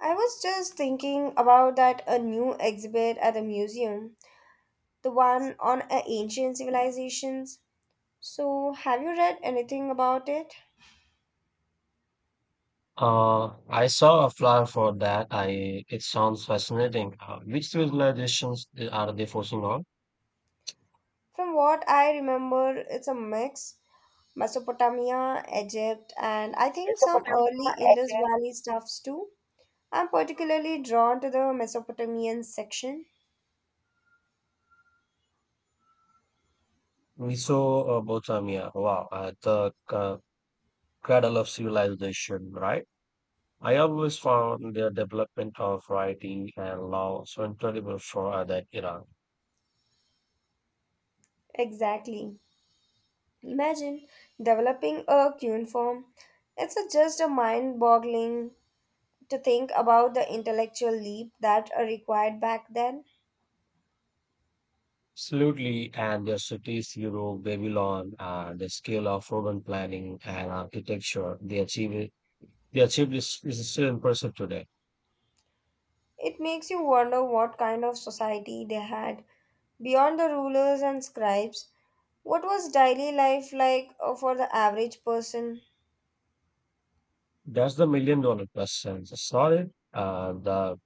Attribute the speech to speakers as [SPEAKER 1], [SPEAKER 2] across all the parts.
[SPEAKER 1] I was just thinking about that a new exhibit at the museum, the one on ancient civilizations. So, have you read anything about it?
[SPEAKER 2] I saw a flyer for that. I It sounds fascinating. Which civilizations are they focusing on?
[SPEAKER 1] From what I remember, it's a mix Mesopotamia, Egypt, and I think some early Indus Valley stuffs too. I'm particularly drawn to the Mesopotamian section.
[SPEAKER 2] We saw Mesopotamia. Wow, the cradle of civilization, right? I always found their development of writing and law so incredible for that era.
[SPEAKER 1] Exactly. Imagine developing a cuneiform. It's a, just a mind boggling. To think about the intellectual leap that are required back then,
[SPEAKER 2] Absolutely, and their cities, Europe, Babylon, the scale of urban planning and architecture they achieved is still impressive today.
[SPEAKER 1] it makes you wonder what kind of society they had. Beyond the rulers and scribes, what was daily life like for the average person?
[SPEAKER 2] That's the million dollar question. Sorry. The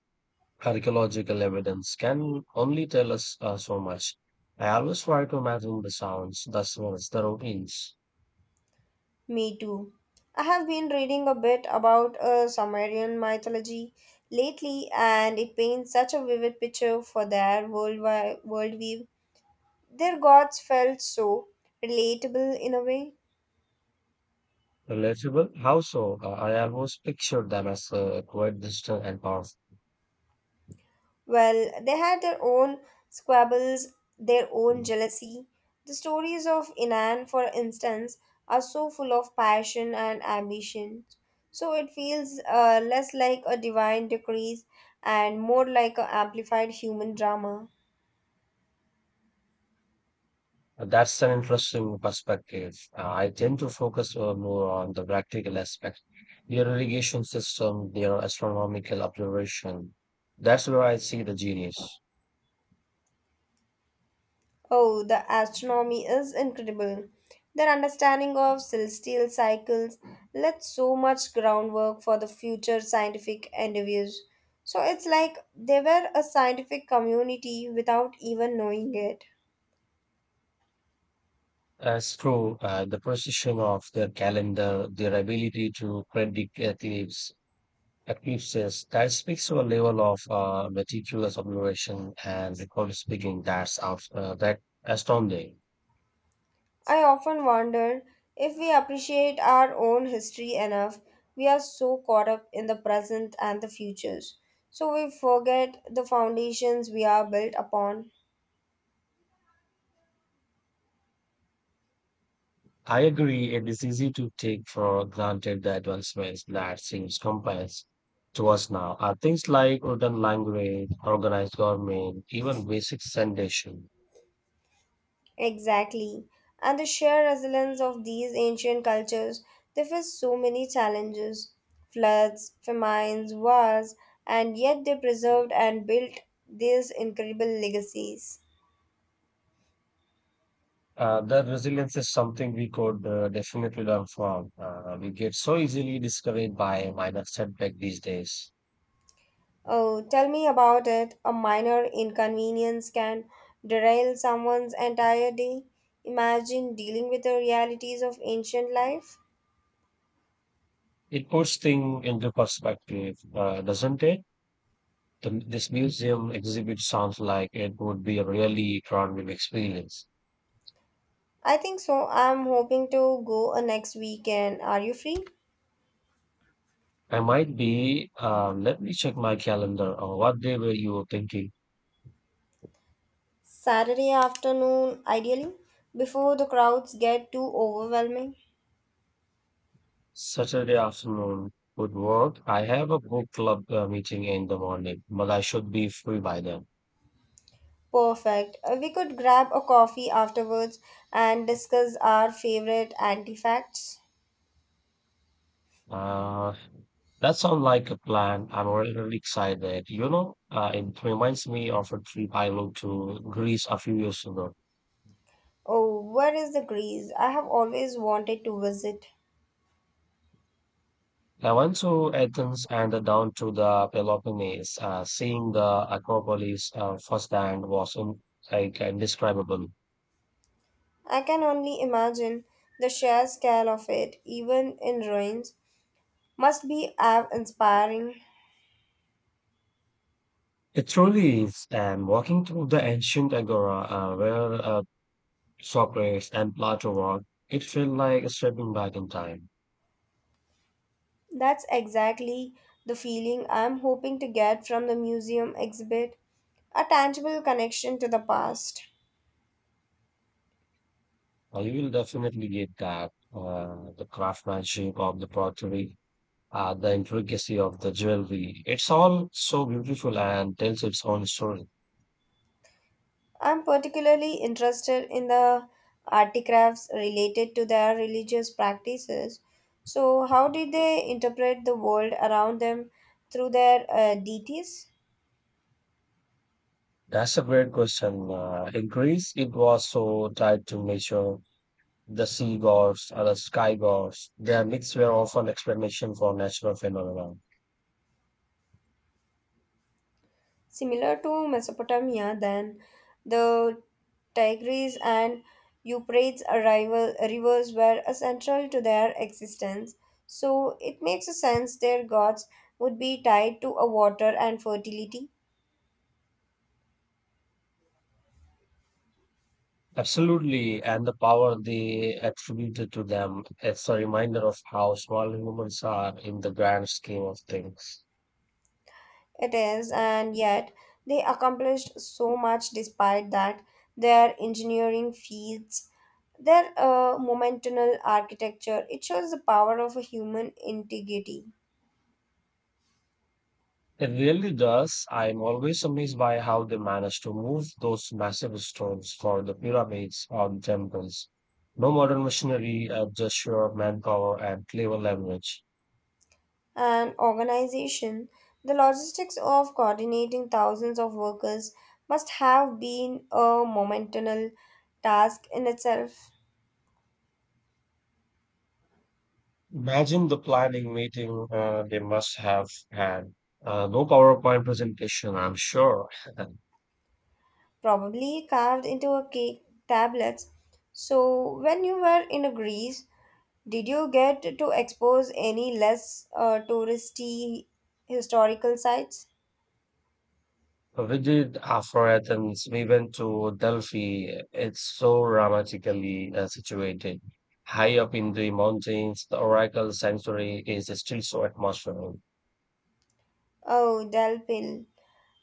[SPEAKER 2] archaeological evidence can only tell us so much. I always try to imagine the sounds, the smells, the routines.
[SPEAKER 1] Me too. I have been reading a bit about Sumerian mythology lately, and it paints such a vivid picture for their world worldview. Their gods felt so relatable in a way.
[SPEAKER 2] Relatable? How so? I almost pictured them as quite distant and powerful.
[SPEAKER 1] Well, they had their own squabbles, their own jealousy. The stories of Inan, for instance, are so full of passion and ambition. So it feels less like a divine decree and more like an amplified human drama.
[SPEAKER 2] That's an interesting perspective. I tend to focus more on the practical aspect, your irrigation system, your astronomical observation. That's where I see the genius.
[SPEAKER 1] Oh, the astronomy is incredible. Their understanding of celestial cycles led so much groundwork for the future scientific endeavors. So it's like they were a scientific community without even knowing it.
[SPEAKER 2] That's true. The precision of their calendar, their ability to eclipses, that speaks to a level of meticulous observation and record speaking that astounding.
[SPEAKER 1] I often wonder if we appreciate our own history enough. We are so caught up in the present and the futures. So we forget the foundations we are built upon.
[SPEAKER 2] I agree. It is easy to take for granted the advancements that seems compass to us now are things like written language, organized government, even basic sanitation.
[SPEAKER 1] Exactly. And the sheer resilience of these ancient cultures, they faced so many challenges, floods, famines, wars, and yet they preserved and built these incredible legacies.
[SPEAKER 2] The resilience is something we could definitely learn from. We get so easily discouraged by minor setback these days.
[SPEAKER 1] Oh, tell me about it. A minor inconvenience can derail someone's entire day. Imagine dealing with the realities of ancient life.
[SPEAKER 2] It puts things into perspective, doesn't it? This museum exhibit sounds like it would be a really formative experience.
[SPEAKER 1] I think so. I'm hoping to go next weekend. Are you free?
[SPEAKER 2] I might be. Uh, let me check my calendar. What day were you thinking?
[SPEAKER 1] Saturday afternoon, ideally, before the crowds get too overwhelming.
[SPEAKER 2] Saturday afternoon would work. I have a book club meeting in the morning, but I should be free by then.
[SPEAKER 1] Perfect. We could grab a coffee afterwards and discuss our favorite artifacts.
[SPEAKER 2] Uh, That sounds like a plan. I'm already really excited. You know, it reminds me of a trip I took to Greece a few years ago.
[SPEAKER 1] Oh, where is the Greece? I have always wanted to visit.
[SPEAKER 2] I went to Athens and then down to the Peloponnese. Seeing the Acropolis firsthand was like indescribable.
[SPEAKER 1] I can only imagine the sheer scale of it, even in ruins, must be awe inspiring.
[SPEAKER 2] It truly is. And walking through the ancient agora where Socrates and Plato walked, it felt like stepping back in time.
[SPEAKER 1] That's exactly the feeling I'm hoping to get from the museum exhibit, a tangible connection to the past.
[SPEAKER 2] You will definitely get that. The craftsmanship of the pottery the intricacy of the jewelry. It's all so beautiful and tells its own story.
[SPEAKER 1] I'm particularly interested in the artifacts related to their religious practices. So, how did they interpret the world around them through their deities?
[SPEAKER 2] That's a great question. In Greece, it was so tried to measure the sea gods or the sky gods. Their myths were often explanation for natural phenomena.
[SPEAKER 1] Similar to Mesopotamia, then the Tigris and Euphrates arrival, rivers were essential to their existence. So, it makes sense their gods would be tied to a water and fertility.
[SPEAKER 2] Absolutely, and the power they attributed to them is a reminder of how small humans are in the grand scheme of things.
[SPEAKER 1] It is, and yet they accomplished so much despite that. Their engineering feats, their momental architecture, it shows the power of a human integrity
[SPEAKER 2] It really does. I'm always amazed by how they managed to move those massive stones for the pyramids or temples. No modern machinery, just sheer manpower and clever leverage.
[SPEAKER 1] and organization. The logistics of coordinating thousands of workers must have been a momental task in itself.
[SPEAKER 2] Imagine the planning meeting they must have had. No PowerPoint presentation, I'm sure.
[SPEAKER 1] Probably carved into a cake tablets. So, when you were in Greece, did you get to expose any less touristy historical sites?
[SPEAKER 2] We did. After Athens, we went to Delphi. It's so dramatically situated. High up in the mountains, the oracle sanctuary is still so atmospheric.
[SPEAKER 1] Oh, Delphi.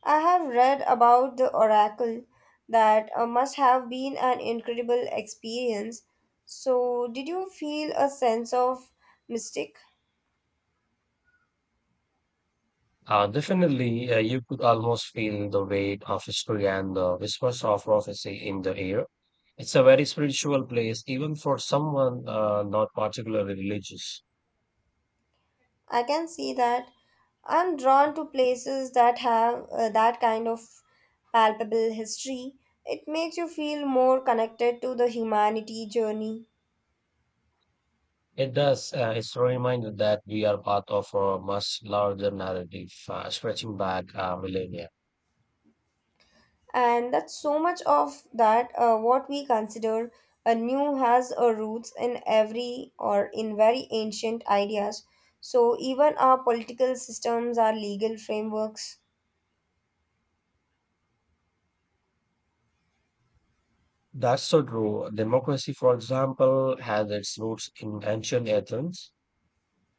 [SPEAKER 1] I have read about the oracle that must have been an incredible experience. So, did you feel a sense of mystic?
[SPEAKER 2] Definitely, you could almost feel the weight of history and the whispers of prophecy in the air. It's a very spiritual place, even for someone not particularly religious.
[SPEAKER 1] I can see that. I'm drawn to places that have that kind of palpable history. It makes you feel more connected to the humanity journey.
[SPEAKER 2] It does, it's a reminder that we are part of a much larger narrative stretching back millennia.
[SPEAKER 1] And that's so much of that what we consider a new has a roots in every or in very ancient ideas. So even our political systems, our legal frameworks.
[SPEAKER 2] That's so true. Democracy, for example, has its roots in ancient Athens.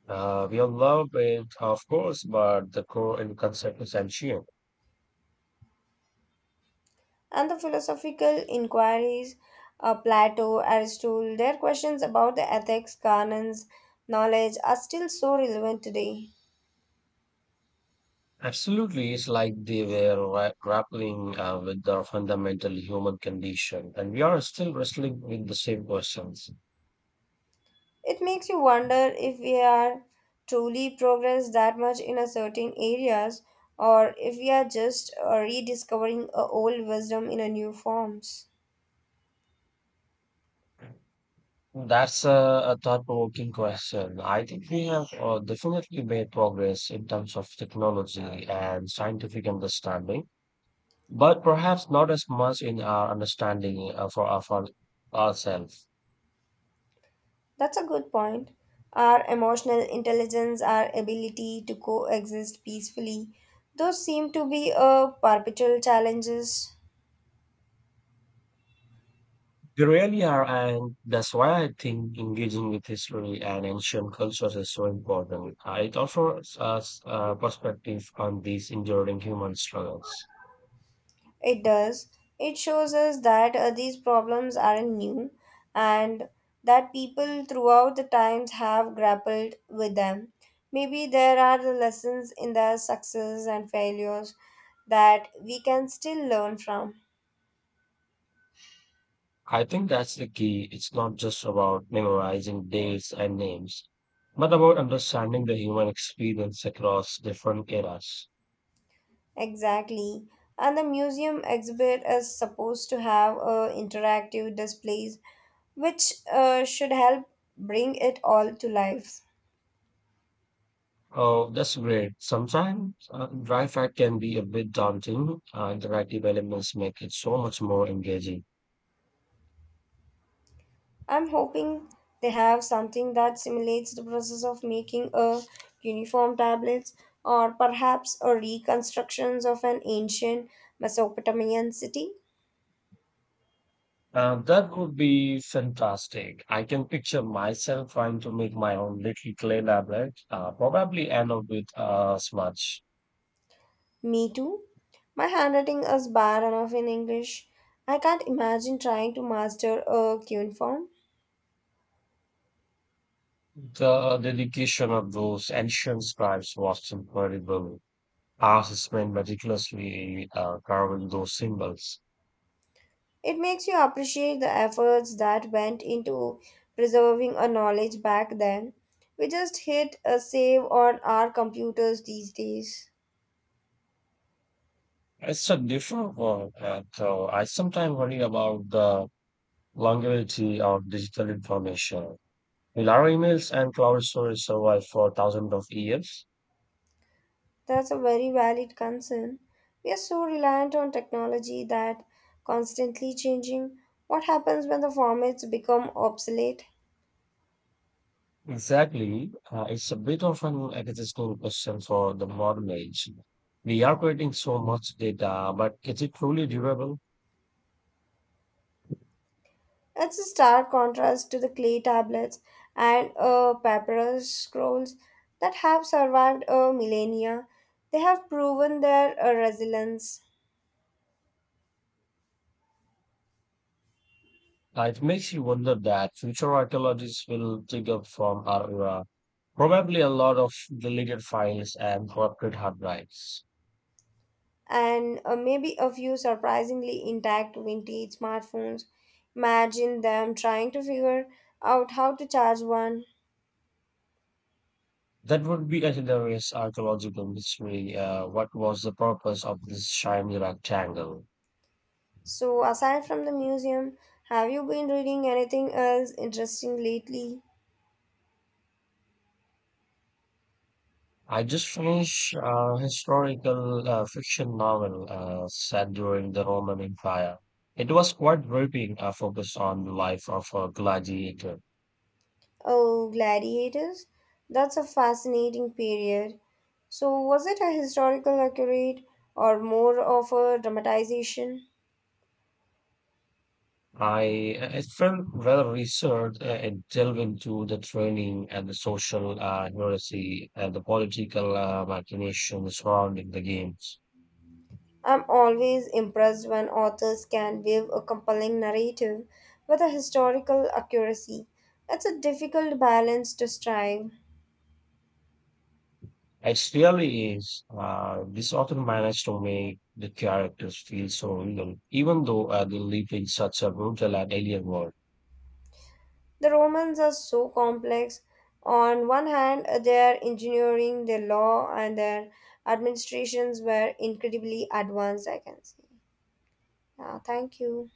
[SPEAKER 2] We all love it, of course, but the core and concept is ancient.
[SPEAKER 1] And the philosophical inquiries, Plato, Aristotle, their questions about the ethics canons knowledge are still so relevant today.
[SPEAKER 2] Absolutely, it's like they were grappling with the fundamental human condition, and we are still wrestling with the same questions.
[SPEAKER 1] It makes you wonder if we are truly progressed that much in a certain areas, or if we are just rediscovering a old wisdom in a new forms.
[SPEAKER 2] That's a thought-provoking question. I think we have definitely made progress in terms of technology and scientific understanding, but perhaps not as much in our understanding for ourselves.
[SPEAKER 1] That's a good point. Our emotional intelligence, our ability to coexist peacefully, those seem to be a perpetual challenges.
[SPEAKER 2] They really are, and that's why I think engaging with history and ancient cultures is so important. It offers us a perspective on these enduring human struggles.
[SPEAKER 1] It does. It shows us that these problems aren't new, and that people throughout the times have grappled with them. Maybe there are the lessons in their success and failures that we can still learn from.
[SPEAKER 2] I think that's the key. It's not just about memorizing dates and names, but about understanding the human experience across different eras.
[SPEAKER 1] Exactly. And the museum exhibit is supposed to have interactive displays which should help bring it all to life.
[SPEAKER 2] Oh, that's great. Sometimes dry fact can be a bit daunting. Interactive elements make it so much more engaging.
[SPEAKER 1] I'm hoping they have something that simulates the process of making a uniform tablets, or perhaps a reconstructions of an ancient Mesopotamian city.
[SPEAKER 2] That would be fantastic. I can picture myself trying to make my own little clay tablet, probably end up with a smudge.
[SPEAKER 1] Me too. My handwriting is bad enough in English. I can't imagine trying to master a cuneiform.
[SPEAKER 2] The dedication of those ancient scribes was incredible. Artists spent meticulously carving those symbols.
[SPEAKER 1] It makes you appreciate the efforts that went into preserving a knowledge back then. We just hit a save on our computers these days.
[SPEAKER 2] It's a different world, so I sometimes worry about the longevity of digital information. Will our emails and cloud storage survive for thousands of years?
[SPEAKER 1] That's a very valid concern. We are so reliant on technology that constantly changing. What happens when the formats become obsolete?
[SPEAKER 2] Exactly. It's a bit of an existential question for the modern age. We are creating so much data, but is it truly durable?
[SPEAKER 1] It's a stark contrast to the clay tablets and papyrus scrolls that have survived a millennia. They have proven their resilience,
[SPEAKER 2] It makes you wonder that future archaeologists will dig up from our era probably a lot of deleted files and corrupted hard drives.
[SPEAKER 1] and maybe a few surprisingly intact vintage smartphones. Imagine them trying to figure out how to charge one.
[SPEAKER 2] That would be considered as archaeological mystery. What was the purpose of this shiny rectangle?
[SPEAKER 1] So, aside from the museum, have you been reading anything else interesting lately?
[SPEAKER 2] I just finished a historical fiction novel set during the Roman Empire. It was quite gripping, focused on the life of a gladiator.
[SPEAKER 1] Oh, gladiators? That's a fascinating period. So, was it a historical accurate or more of a dramatization?
[SPEAKER 2] I It felt well researched and delved into the training and the social heresy and the political machinations surrounding the games.
[SPEAKER 1] I'm always impressed when authors can weave a compelling narrative with a historical accuracy. It's a difficult balance to strive.
[SPEAKER 2] It really is. This author managed to make the characters feel so real, even though they live in such a brutal and alien world.
[SPEAKER 1] The Romans are so complex. On one hand, their engineering, their law, and their administrations were incredibly advanced, I can say. Yeah, thank you.